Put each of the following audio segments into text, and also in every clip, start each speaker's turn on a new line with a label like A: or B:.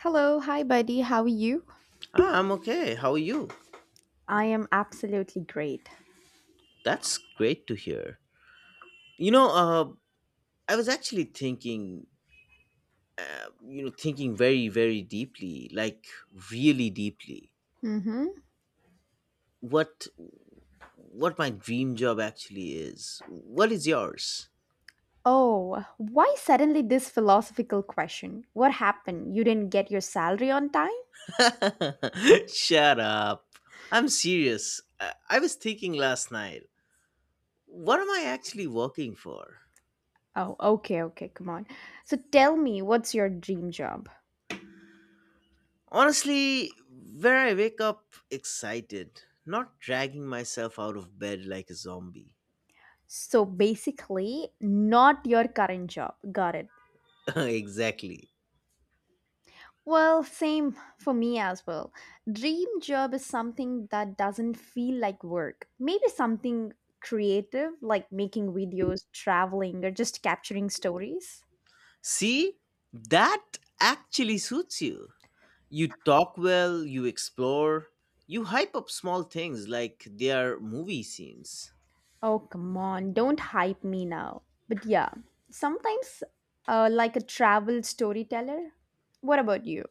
A: Hello, hi buddy, how are you?
B: Ah, I'm okay. How are you?
A: I am absolutely great.
B: That's great to hear. You know, uh, I was actually thinking, thinking very, very deeply, like really deeply,
A: Mm-hmm.
B: what what my dream job actually is. What is yours?
A: Oh, why suddenly this philosophical question? What happened? You didn't get your salary on time?
B: Shut up. I'm serious. I was thinking last night. What am I actually working for?
A: Oh, okay, okay, come on. So tell me, what's your dream job?
B: Honestly, where I wake up excited, not dragging myself out of bed like a zombie.
A: So basically, not your current job. Got it.
B: Exactly.
A: Well, same for me as well. Dream job is something that doesn't feel like work. Maybe something creative like making videos, traveling, or just capturing stories.
B: See, that actually suits you. You talk well, you explore, you hype up small things like they are movie scenes.
A: Oh, come on, don't hype me now. But yeah, sometimes like a travel storyteller. What about you?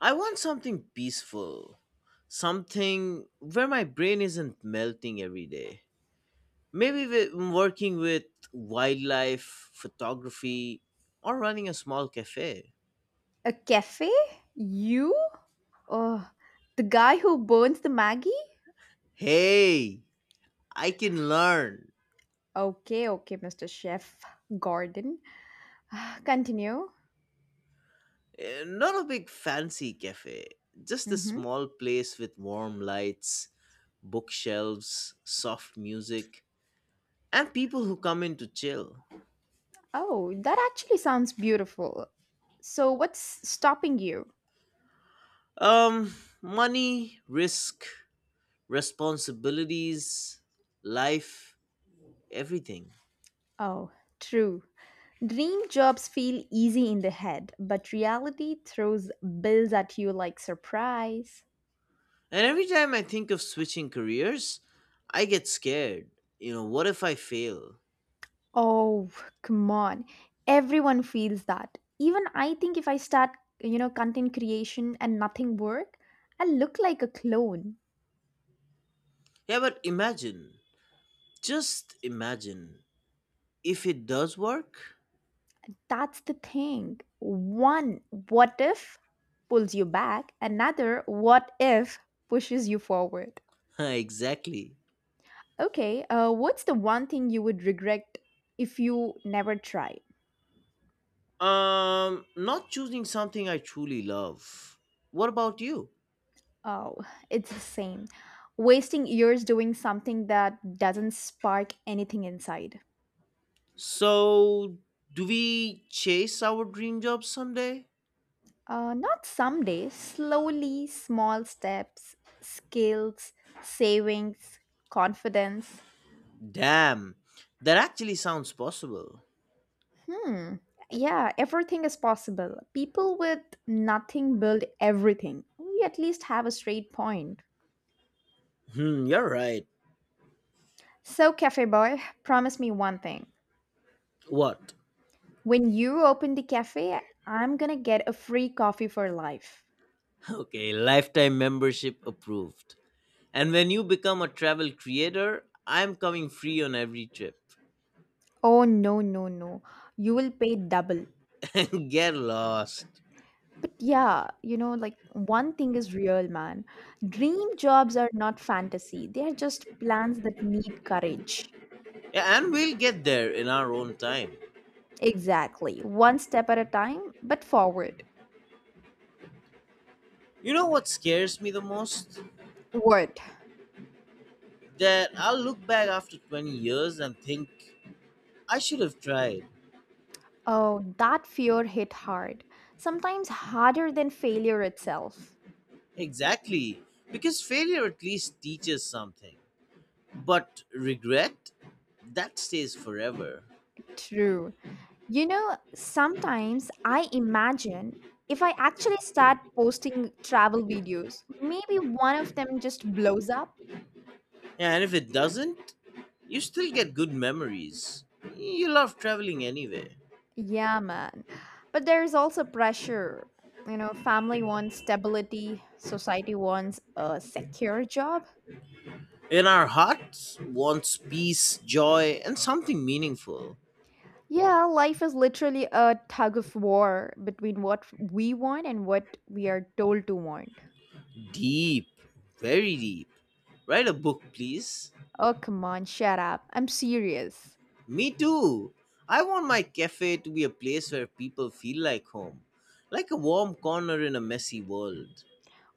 B: I want something peaceful, something where my brain isn't melting every day. Maybe working with wildlife, photography, or running a small cafe.
A: A cafe? You? Oh, the guy who burns the Maggie?
B: Hey, I can learn.
A: Okay, okay, Mr. Chef Gordon. Continue.
B: Not a big fancy cafe, just a
A: Mhm.
B: small place with warm lights, bookshelves, soft music, and people who come in to chill.
A: Oh, that actually sounds beautiful. So, what's stopping you?
B: Um, money, risk, responsibilities, life, everything.
A: Oh, true. Dream jobs feel easy in the head, but reality throws bills at you like surprise.
B: And every time I think of switching careers, I get scared. What if I fail?
A: Oh, come on. Everyone feels that. Even I think if I start, you know, content creation and nothing work, I look like a clone.
B: Yeah, but imagine, just imagine, if it does work.
A: That's the thing. One, what if pulls you back, another, what if pushes you forward.
B: Exactly.
A: Okay, what's the one thing you would regret if you never tried?
B: Not choosing something I truly love. What about you?
A: Oh, it's the same. Wasting years doing something that doesn't spark anything inside.
B: So, do we chase our dream job someday?
A: Not someday, slowly, small steps, skills, savings, confidence.
B: Damn, that actually sounds possible.
A: Hmm, yeah, everything is possible. People with nothing build everything. We at least have a straight point.
B: Hmm, you're right.
A: So, Cafe Boy, promise me one thing.
B: What?
A: When you open the cafe, I'm gonna get a free coffee for life.
B: Okay, lifetime membership approved. And when you become a travel creator, I'm coming free on every trip.
A: Oh, no, no, no. You will pay double.
B: Get lost.
A: But yeah, you know, like one thing is real, man. Dream jobs are not fantasy, they are just plans that need courage.
B: Yeah, and we'll get there in our own time.
A: Exactly. One step at a time, but forward.
B: You know what scares me the most?
A: Word.
B: That I'll look back after 20 years and think, I should have tried.
A: Oh, that fear hit hard. Sometimes harder than failure itself.
B: Exactly. Because failure at least teaches something. But regret, that stays forever.
A: True. You know, sometimes I imagine if I actually start posting travel videos, maybe one of them just blows up.
B: Yeah, and if it doesn't, you still get good memories. You love traveling anyway.
A: Yeah, man. But there is also pressure. You know, family wants stability, society wants a secure job.
B: In our hearts wants peace, joy, and something meaningful.
A: Yeah, life is literally a tug of war between what we want and what we are told to want.
B: Deep, very deep. Write a book, please.
A: Oh, come on, shut up. I'm serious.
B: Me too. I want my cafe to be a place where people feel like home, like a warm corner in a messy world.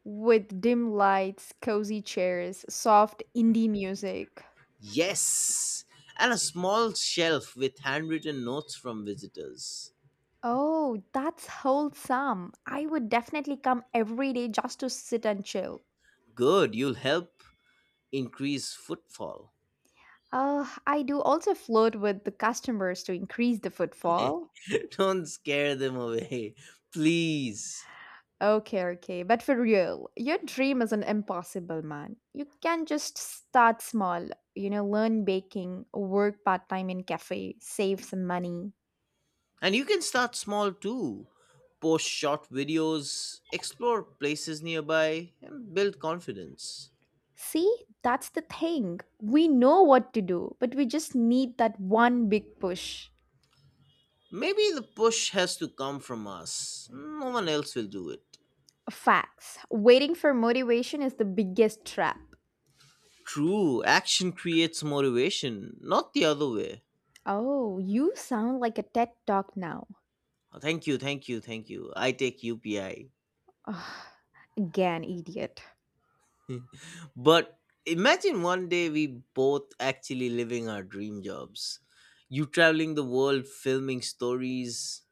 A: With dim lights, cozy chairs, soft indie music.
B: Yes! And a small shelf with handwritten notes from visitors.
A: Oh, that's wholesome. I would definitely come every day just to sit and chill.
B: Good, you'll help increase footfall.
A: I do also flirt with the customers to increase the footfall.
B: Don't scare them away, please.
A: Okay, okay, but for real, your dream isn't impossible, man. You can just start small, you know, learn baking, work part time in cafe, save some money.
B: And you can start small too. Post short videos, explore places nearby, and build confidence.
A: See, that's the thing. We know what to do, but we just need that one big push.
B: Maybe the push has to come from us. No one else will do it.
A: Facts. Waiting for motivation is the biggest trap.
B: True, action creates motivation, not the other way.
A: Oh, you sound like a TED talk now.
B: Thank you, thank you, thank you. I take UPI.
A: Ugh, again, idiot.
B: But imagine one day we both actually living our dream jobs. You traveling the world, filming stories.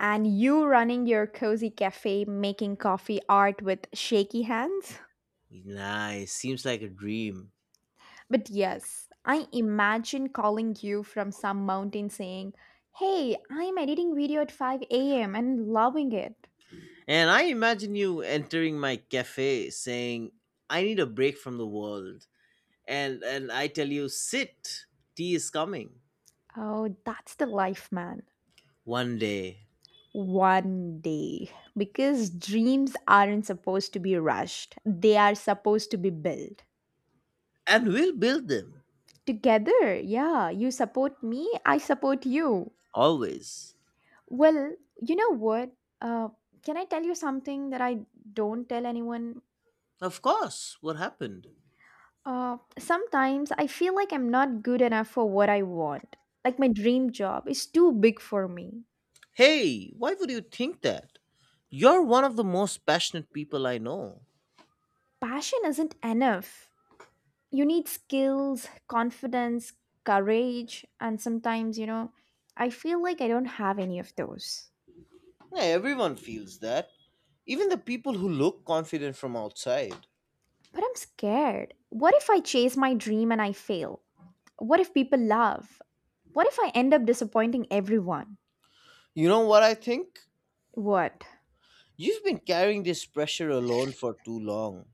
A: And you running your cozy cafe making coffee art with shaky hands?
B: Nice, seems like a dream.
A: But yes, I imagine calling you from some mountain saying, "Hey, I'm editing video at 5 a.m. and loving it."
B: And I imagine you entering my cafe saying, I need a break from the world. And I tell you, sit. Tea is coming.
A: Oh, that's the life, man.
B: One day.
A: One day. Because dreams aren't supposed to be rushed, they are supposed to be built.
B: And we'll build them
A: Together, yeah, you support me, I support you.
B: always.
A: Well, you know what? Uh, can I tell you something that I don't tell anyone?
B: Of course. What happened?
A: Sometimes I feel like I'm not good enough for what I want. Like my dream job is too big for me.
B: Hey, why would you think that? You're one of the most passionate people I know.
A: Passion isn't enough. You need skills, confidence, courage, and sometimes, you know, I feel like I don't have any of those.
B: Yeah, everyone feels that. Even the people who look confident from outside.
A: But I'm scared. What if I chase my dream and I fail? What if people laugh? What if I end up disappointing everyone?
B: You know what I think?
A: What?
B: You've been carrying this pressure alone for too long.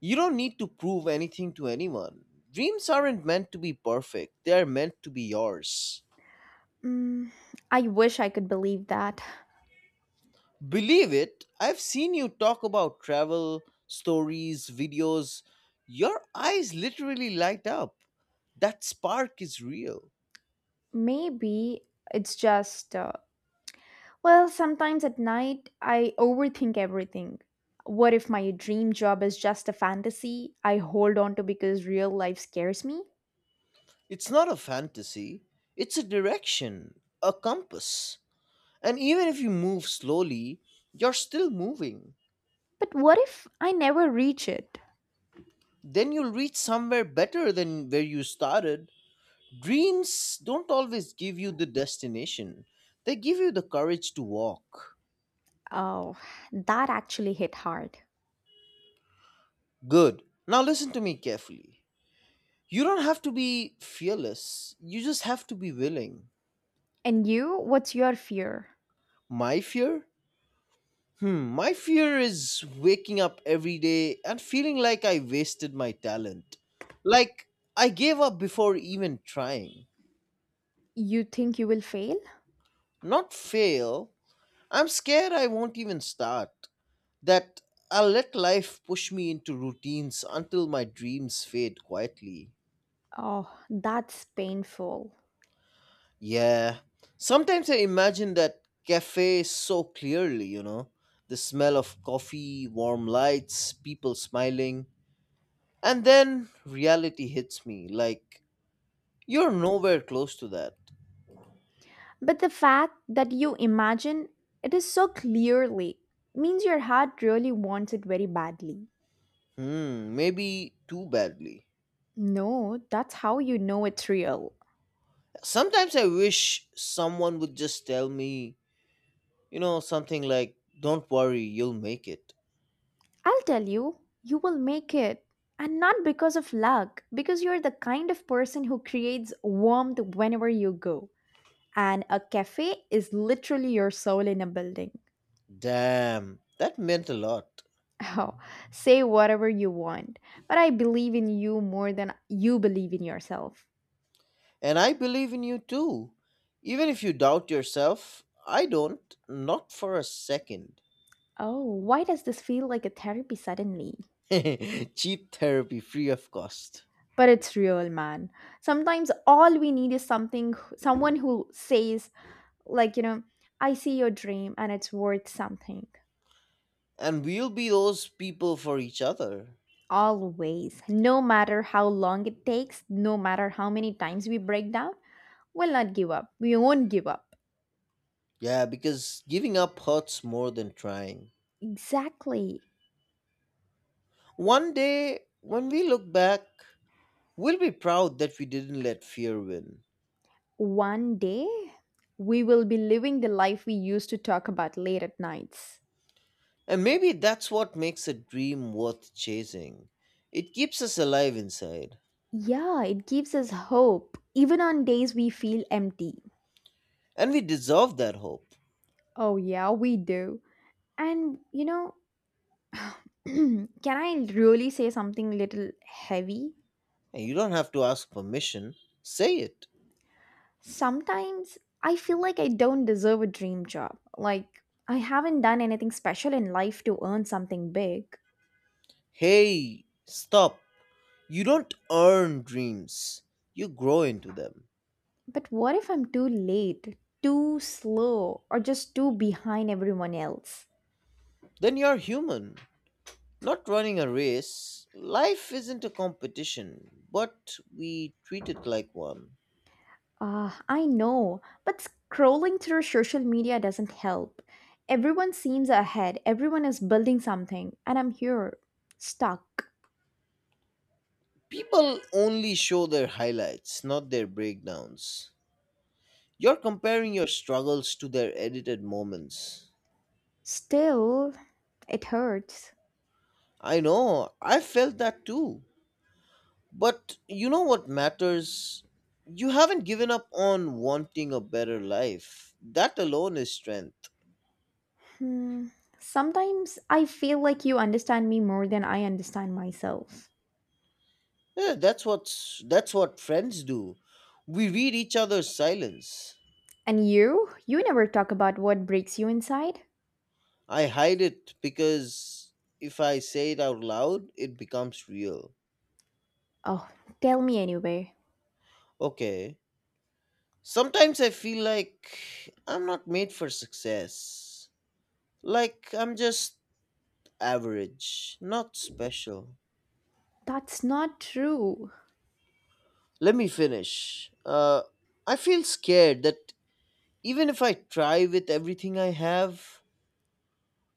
B: You don't need to prove anything to anyone. Dreams aren't meant to be perfect, they are meant to be yours.
A: Mm, I wish I could believe that.
B: Believe it, I've seen you talk about travel, stories, videos. Your eyes literally light up. That spark is real.
A: Maybe it's just well, sometimes at night, I overthink everything. What if my dream job is just a fantasy I hold on to because real life scares me?
B: It's not a fantasy, it's a direction, a compass. And even if you move slowly, you're still moving.
A: But what if I never reach it?
B: Then you'll reach somewhere better than where you started. Dreams don't always give you the destination, they give you the courage to walk.
A: Oh, that actually hit hard.
B: Good. Now listen to me carefully. You don't have to be fearless. You just have to be willing.
A: And you, what's your fear?
B: My fear? Hmm, my fear is waking up every day and feeling like I wasted my talent. Like I gave up before even trying.
A: You think you will fail?
B: Not fail. I'm scared I won't even start. That I'll let life push me into routines until my dreams fade quietly.
A: Oh, that's painful.
B: Yeah. Sometimes I imagine that cafe so clearly. The smell of coffee, warm lights, people smiling. And then reality hits me like, you're nowhere close to that.
A: But the fact that you imagine it is so clearly means your heart really wants it very badly.
B: Hmm, maybe too badly.
A: No, that's how you know it's real.
B: Sometimes I wish someone would just tell me, something like, don't worry, you'll make it.
A: I'll tell you, you will make it. And not because of luck, because you're the kind of person who creates warmth whenever you go. And a cafe is literally your soul in a building.
B: Damn, that meant a lot.
A: Oh, say whatever you want, but I believe in you more than you believe in yourself.
B: And I believe in you too. Even if you doubt yourself, I don't, not for a second.
A: Oh, why does this feel like a therapy suddenly?
B: Cheap therapy, free of cost.
A: But it's real, man. Sometimes all we need is something, someone who says, like, you know, I see your dream and it's worth something.
B: And we'll be those people for each other.
A: Always. No matter how long it takes, no matter how many times we break down, we'll not give up. We won't give up.
B: Yeah, because giving up hurts more than trying.
A: Exactly.
B: One day, when we look back, we'll be proud that we didn't let fear win.
A: One day, we will be living the life we used to talk about late at nights.
B: And maybe that's what makes a dream worth chasing. It keeps us alive inside.
A: Yeah, it gives us hope, even on days we feel empty.
B: And we deserve that hope.
A: Oh, yeah, we do. And, you know, can I really say something little heavy?
B: And you don't have to ask permission. Say it.
A: Sometimes I feel like I don't deserve a dream job. Like, I haven't done anything special in life to earn something big.
B: Hey, stop. You don't earn dreams, you grow into them.
A: But what if I'm too late, too slow, or just too behind everyone else?
B: Then you're human, not running a race. Life isn't a competition, but we treat it like one.
A: Ah, I know, but scrolling through social media doesn't help. Everyone seems ahead, everyone is building something, and I'm here, stuck.
B: People only show their highlights, not their breakdowns. You're comparing your struggles to their edited moments.
A: Still, it hurts.
B: I know, I felt that too. But you know what matters? You haven't given up on wanting a better life. That alone is strength.
A: Hmm. Sometimes I feel like you understand me more than I understand myself.
B: Yeah, that's what friends do. We read each other's silence.
A: And you? You never talk about what breaks you inside?
B: I hide it because if I say it out loud, it becomes real.
A: Oh, tell me anyway.
B: Okay. Sometimes I feel like I'm not made for success. Like I'm just average, not special.
A: That's not true.
B: Let me finish. I feel scared that even if I try with everything I have,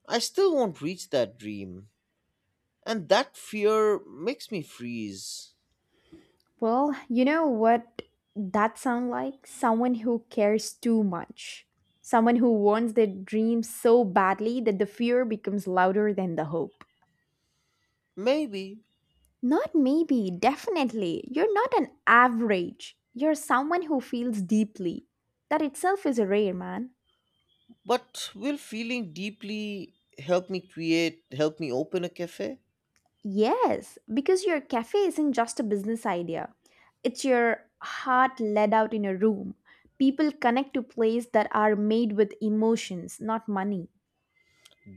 B: I still won't reach that dream. And that fear makes me freeze.
A: Well, you know what that sounds like? Someone who cares too much. Someone who wants their dreams so badly that the fear becomes louder than the hope.
B: Maybe,
A: Not maybe, definitely. You're not an average. You're someone who feels deeply. That itself is a rare, man.
B: but will feeling deeply help me create, help me open a cafe?
A: Yes, because your cafe isn't just a business idea. It's your heart led out in a room. People connect to plays that are made with emotions, not money.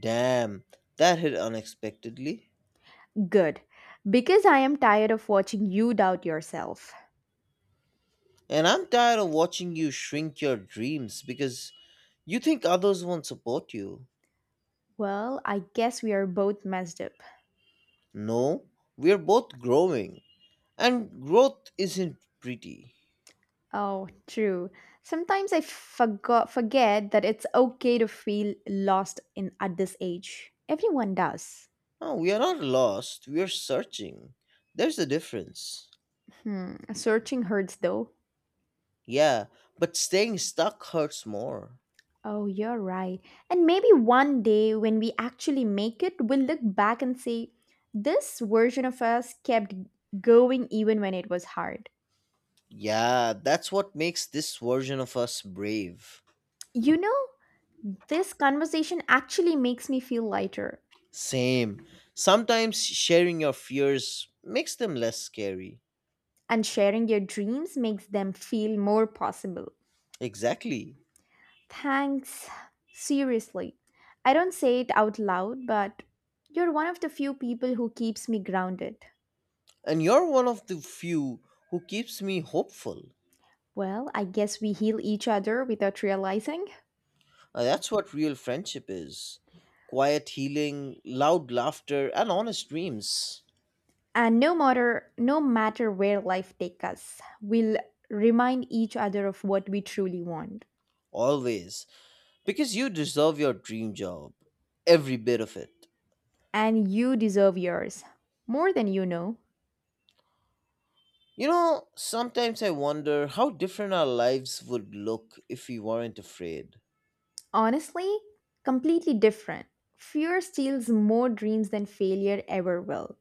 B: Damn, that hit unexpectedly.
A: Good. Because I am tired of watching you doubt yourself.
B: And I'm tired of watching you shrink your dreams because you think others won't support you.
A: Well, I guess we are both messed up.
B: No, we're both growing. And growth isn't pretty.
A: Oh, true. Sometimes I forgot forget that it's okay to feel lost in at this age. Everyone does.
B: Oh, we are not lost, we are searching. There's a difference.
A: Hmm, searching hurts though.
B: Yeah, but staying stuck hurts more.
A: Oh, you're right. And maybe one day when we actually make it, we'll look back and say, this version of us kept going even when it was hard.
B: Yeah, that's what makes this version of us brave.
A: You know, this conversation actually makes me feel lighter,
B: Same. Sometimes sharing your fears makes them less scary.
A: and sharing your dreams makes them feel more possible.
B: Exactly.
A: Thanks. Seriously. I don't say it out loud, but you're one of the few people who keeps me grounded.
B: And you're one of the few who keeps me hopeful.
A: Well, I guess we heal each other without realizing.
B: That's what real friendship is, quiet healing, loud laughter, and honest dreams.
A: And no matter where life takes us, we'll remind each other of what we truly want.
B: Always. Because you deserve your dream job. Every bit of it.
A: And you deserve yours. More than you know.
B: Sometimes I wonder how different our lives would look if we weren't afraid.
A: Honestly, completely different. Fear steals more dreams than failure ever will.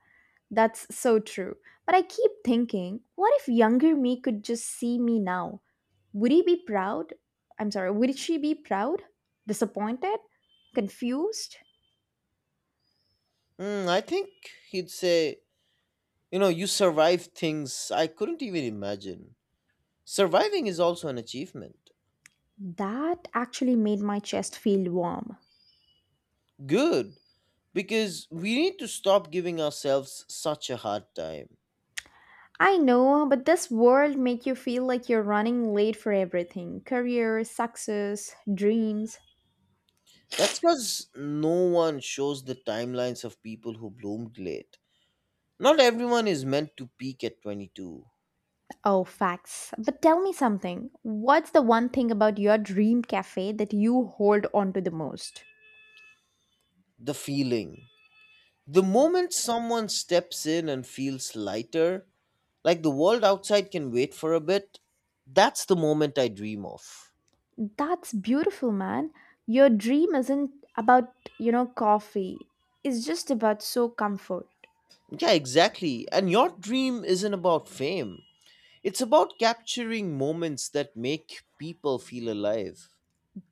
A: That's so true. But I keep thinking, what if younger me could just see me now? Would he be proud? I'm sorry, would she be proud? Disappointed? Confused?
B: Hmm, I think he'd say, you survived things I couldn't even imagine. Surviving is also an achievement.
A: That actually made my chest feel warm.
B: Good, because we need to stop giving ourselves such a hard time.
A: I know, but this world make you feel like you're running late for everything. Career, success, dreams.
B: That's because no one shows the timelines of people who bloomed late. Not everyone is meant to peak at 22.
A: Oh, facts. But tell me something. What's the one thing about your dream cafe that you hold on to the most?
B: The feeling. The moment someone steps in and feels lighter, like the world outside can wait for a bit, that's the moment I dream of.
A: That's beautiful, man. Your dream isn't about, you know, coffee. It's just about so comfort.
B: Yeah, exactly. And your dream isn't about fame, it's about capturing moments that make people feel alive.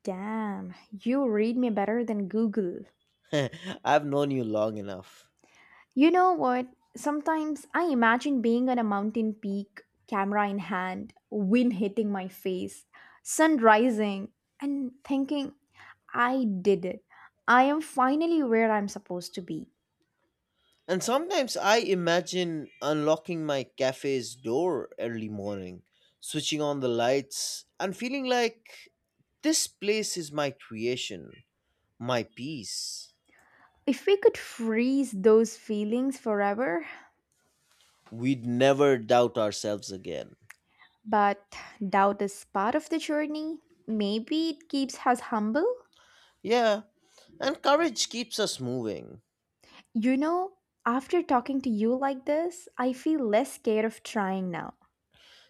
A: Damn, you read me better than Google.
B: I've known you long enough.
A: You know what? Sometimes I imagine being on a mountain peak, camera in hand, wind hitting my face, sun rising, and thinking, I did it. I am finally where I'm supposed to be.
B: And sometimes I imagine unlocking my cafe's door early morning, switching on the lights, and feeling like this place is my creation, my peace.
A: If we could freeze those feelings forever,
B: We'd never doubt ourselves again.
A: but doubt is part of the journey. Maybe it keeps us humble.
B: Yeah, and courage keeps us moving.
A: You know, after talking to you like this, I feel less scared of trying now.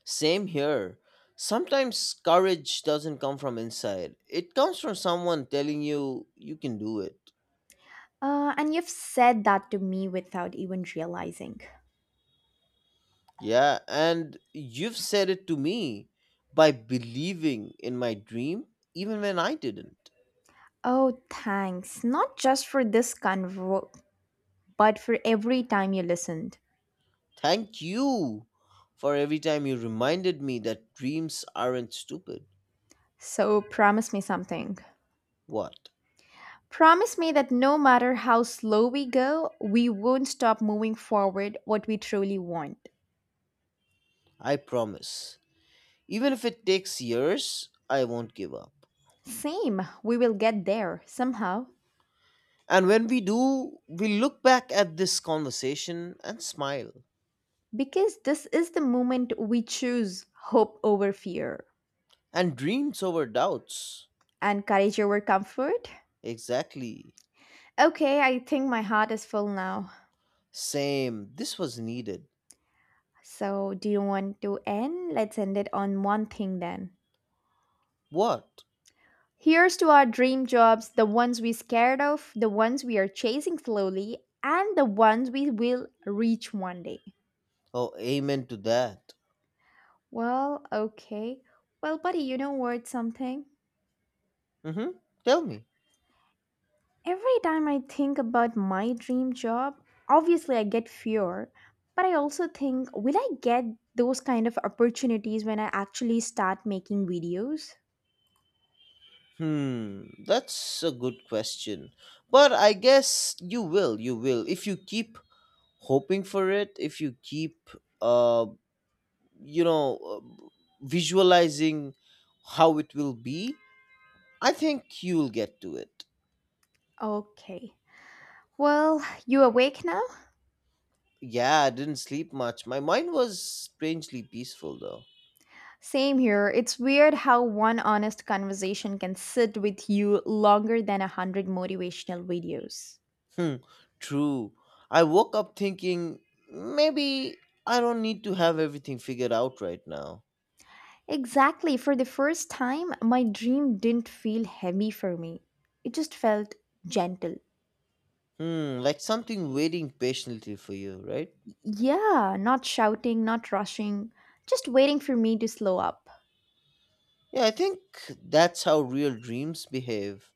B: Same here. Sometimes courage doesn't come from inside, it comes from someone telling you you can do it.
A: And you've said that to me without even realizing.
B: Yeah, and you've said it to me by believing in my dream even when I didn't.
A: Oh, thanks. Not just for this convo, but for every time you listened.
B: Thank you for every time you reminded me that dreams aren't stupid.
A: So promise me something.
B: What?
A: Promise me that no matter how slow we go, we won't stop moving forward what we truly want.
B: I promise. Even if it takes years, I won't give up.
A: Same, we will get there somehow
B: And when we do, we look back at this conversation and smile.
A: because this is the moment we choose hope over fear
B: And dreams over doubts.
A: and courage over comfort.
B: Exactly.
A: Okay, I think my heart is full now.
B: Same. This was needed.
A: So, do you want to end? Let's end it on one thing then.
B: What?
A: Here's to our dream jobs, the ones we're scared of, the ones we are chasing slowly, and the ones we will reach one day.
B: Oh, amen to that.
A: Well, okay. Well, buddy, you know what? Something?
B: Mm-hmm. Tell me.
A: Every time I think about my dream job, obviously I get fear, but I also think, will I get those kind of opportunities when I actually start making videos?
B: Hmm, that's a good question. But I guess you will, you will. If you keep hoping for it, if you keep, uh, you know, uh, visualizing how it will be, I think you'll get to it.
A: Okay. Well, you awake now?
B: Yeah, I didn't sleep much. My mind was strangely peaceful, though.
A: Same here. It's weird how one honest conversation can sit with you longer than 100 motivational videos.
B: Hmm, true. I woke up thinking maybe I don't need to have everything figured out right now.
A: Exactly. For the first time, my dream didn't feel heavy for me. It just felt gentle.
B: Hmm, like something waiting patiently for you, right?
A: Yeah, not shouting, not rushing, just waiting for me to slow up.
B: Yeah, I think that's how real dreams behave.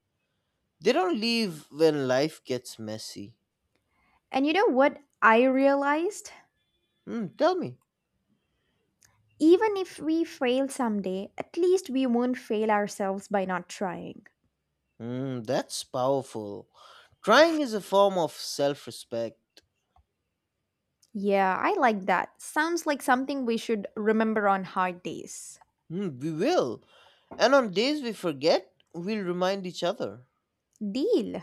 B: They don't leave when life gets messy.
A: And you know what I realized?
B: Hmm, tell me.
A: Even if we fail someday, at least we won't fail ourselves by not trying.
B: Hmm, that's powerful. Trying is a form of self respect.
A: Yeah, I like that. Sounds like something we should remember on hard days.
B: Hmm, we will. And on days we forget, we'll remind each other.
A: Deal.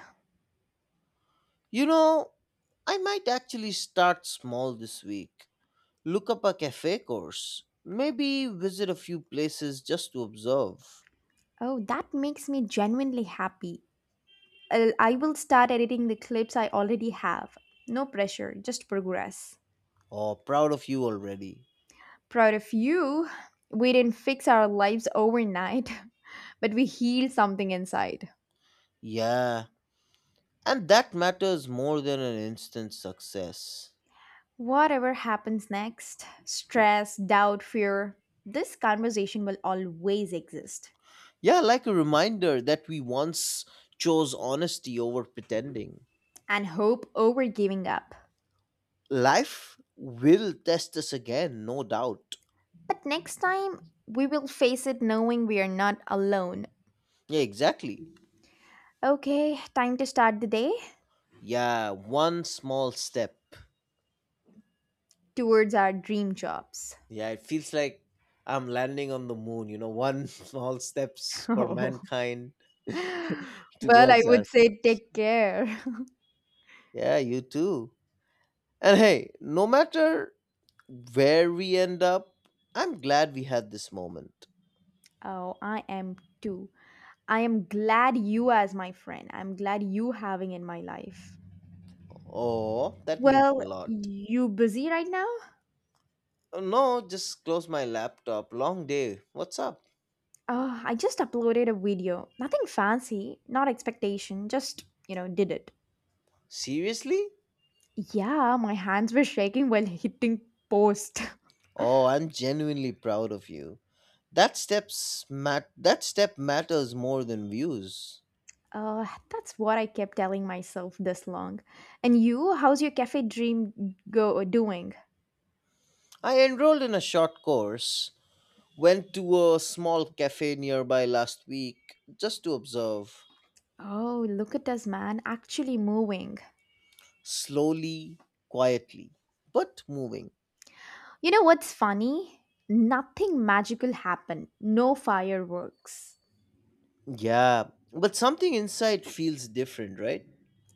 B: You know, I might actually start small this week. Look up a cafe course. Maybe visit a few places just to observe.
A: Oh, that makes me genuinely happy. I will start editing the clips I already have. No pressure, just progress.
B: Oh, proud of you already.
A: Proud of you. We didn't fix our lives overnight, but we healed something inside.
B: Yeah, and that matters more than an instant success.
A: Whatever happens next stress, doubt, fear this conversation will always exist.
B: Yeah, like a reminder that we once chose honesty over pretending.
A: And hope over giving up.
B: Life will test us again, no doubt.
A: But next time, we will face it knowing we are not alone.
B: Yeah, exactly.
A: Okay, time to start the day
B: Yeah, one small step.
A: towards our dream jobs.
B: Yeah, it feels like I'm landing on the moon, one small steps for mankind
A: Well, I
B: towards
A: would say
B: ourselves.
A: take care.
B: Yeah, you too. And hey, no matter where we end up, I'm glad we had this moment.
A: Oh, I am too. I am glad you as my friend. I'm glad you having in my life.
B: Oh, that means a
A: Well,
B: lot.
A: you busy right now?
B: Oh, no, just close my laptop. Long day. What's up?
A: Oh, I just uploaded a video. Nothing fancy, not expectation, just, you know, did it.
B: Seriously?
A: Yeah, my hands were shaking while hitting post.
B: Oh, I'm genuinely proud of you. That steps that step matters more than views.
A: Uh, that's what I kept telling myself this long. And you, how's your cafe dream go doing?
B: I enrolled in a short course, went to a small cafe nearby last week just to observe,
A: Oh, look at us, man, actually moving.
B: slowly, quietly, but moving.
A: You know what's funny? Nothing magical happened. No fireworks.
B: Yeah, but something inside feels different, right?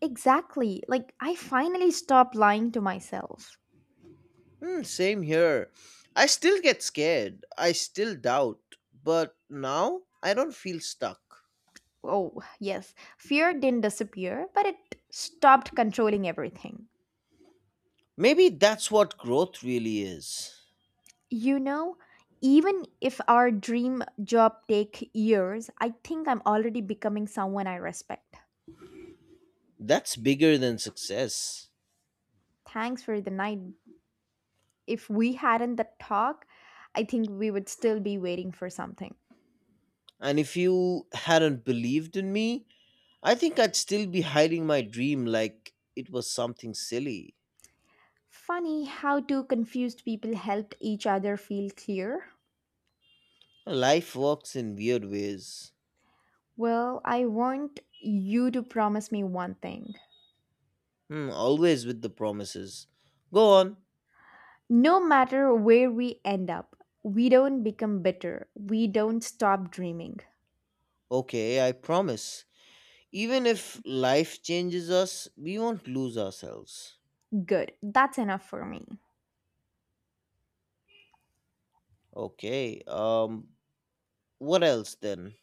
A: Exactly. Like, I finally stopped lying to myself.
B: Hmm, same here. I still get scared. I still doubt. But now I don't feel stuck.
A: Oh, yes. Fear didn't disappear, but it stopped controlling everything.
B: Maybe that's what growth really is.
A: You know, even if our dream job take years, I think I'm already becoming someone I respect.
B: That's bigger than success.
A: Thanks for the night, if we hadn't that talk, I think we would still be waiting for something.
B: And if you hadn't believed in me, I think I'd still be hiding my dream like it was something silly.
A: Funny how two confused people helped each other feel clear.
B: Life works in weird ways.
A: Well, I want you to promise me one thing.
B: Hmm, always with the promises. Go on.
A: No matter where we end up, we don't become bitter. We don't stop dreaming.
B: Okay, I promise. Even if life changes us, we won't lose ourselves.
A: Good. That's enough for me.
B: Okay, what else then?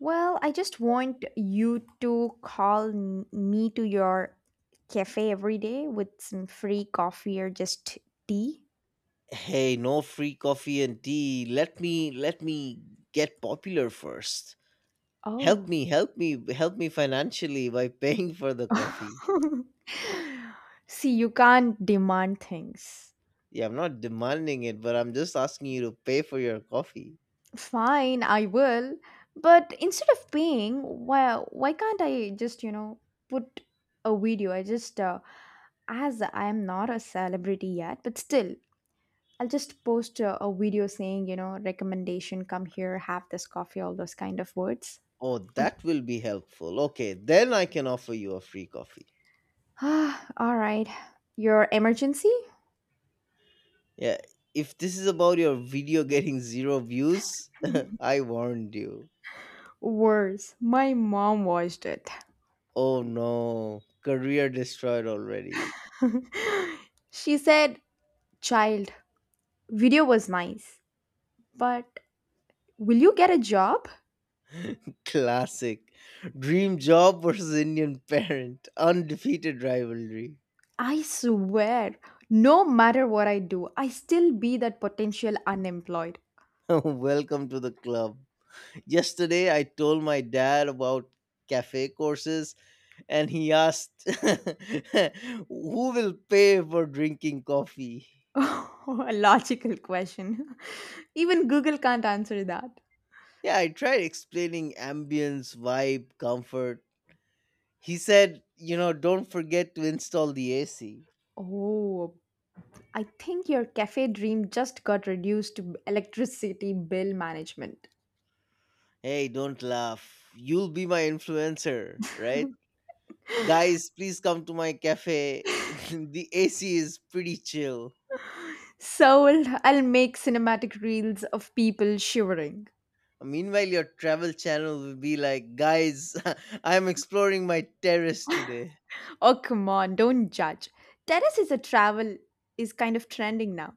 A: Well, I just want you to call me to your cafe every day with some free coffee or just tea.
B: Hey, no free coffee and tea. Let me get popular first. Help
A: Oh,
B: me, help me, help me financially by paying for the coffee.
A: See, you can't demand things.
B: Yeah, I'm not demanding it, but I'm just asking you to pay for your coffee.
A: Fine, I will. But instead of paying, why can't I just, you know, put a video? I just as I am not a celebrity yet, but still I'll just post a video saying, you know, recommendation, come here, have this coffee, all those kind of words.
B: Oh, that will be helpful. Okay, then I can offer you a free coffee.
A: Ah, all right. Your emergency?
B: Yeah, if this is about your video getting zero views, I warned you.
A: Worse, my mom watched it.
B: Oh no, career destroyed already.
A: She said, Child, video was nice, but will you get a job?
B: Classic. Dream job versus Indian parent. Undefeated rivalry.
A: I swear, no matter what I do, I still be that potential unemployed.
B: Welcome to the club. Yesterday, I told my dad about cafe courses and he asked, Who will pay for drinking coffee?
A: A logical question. Even Google can't answer that.
B: Yeah, I tried explaining ambience, vibe, comfort. He said, don't forget to install the AC.
A: Oh, I think your cafe dream just got reduced to electricity bill management.
B: Hey, don't laugh. You'll be my influencer, right? Guys, please come to my cafe. The AC is pretty chill.
A: Sold, I'll make cinematic reels of people shivering.
B: Meanwhile, your travel channel will be like, guys, I'm exploring my terrace today.
A: Oh, come on, don't judge. Terrace is a travel is kind of trending now.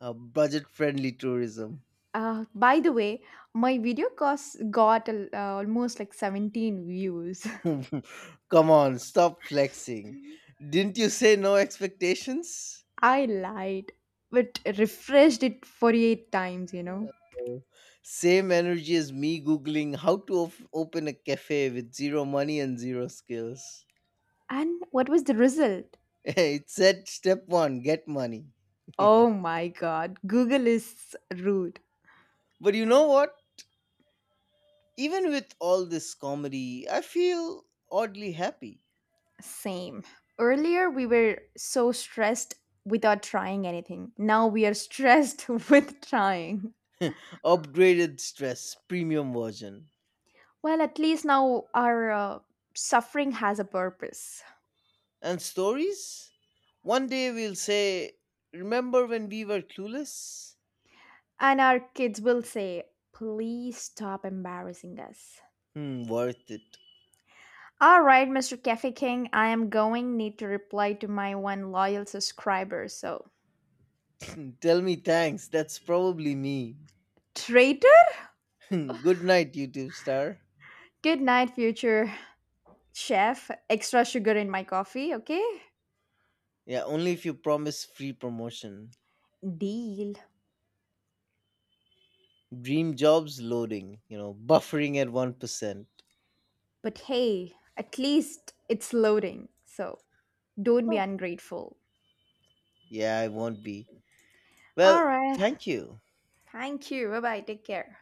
B: Budget friendly tourism.
A: By the way, my video course got almost like 17 views.
B: Come on, stop flexing. Didn't you say no expectations?
A: I lied, but refreshed it 48 times, you know.
B: Oh, same energy as me googling how to open a cafe with zero money and zero skills.
A: And what was the result?
B: It said step one get money.
A: Oh my god, Google is rude.
B: But you know what? Even with all this comedy, I feel oddly happy.
A: Same. Earlier, we were so stressed without trying anything. Now we are stressed with trying.
B: Upgraded stress, premium version.
A: Well, at least now our suffering has a purpose.
B: And stories? One day we'll say, Remember when we were clueless?
A: And our kids will say, please stop embarrassing us.
B: Hmm, worth it.
A: All right, Mr. Cafe King, I am going need to reply to my one loyal subscriber. So,
B: Tell me thanks, that's probably me.
A: traitor?
B: Good night, YouTube star.
A: Good night, future chef. Extra sugar in my coffee, okay?
B: Yeah, only if you promise free promotion.
A: Deal.
B: Dream jobs loading, buffering at 1%.
A: But hey, at least it's loading. So, don't be
B: Oh,
A: ungrateful.
B: yeah, I won't be. Well,
A: All right.
B: thank you.
A: Thank you. Bye bye. Take care.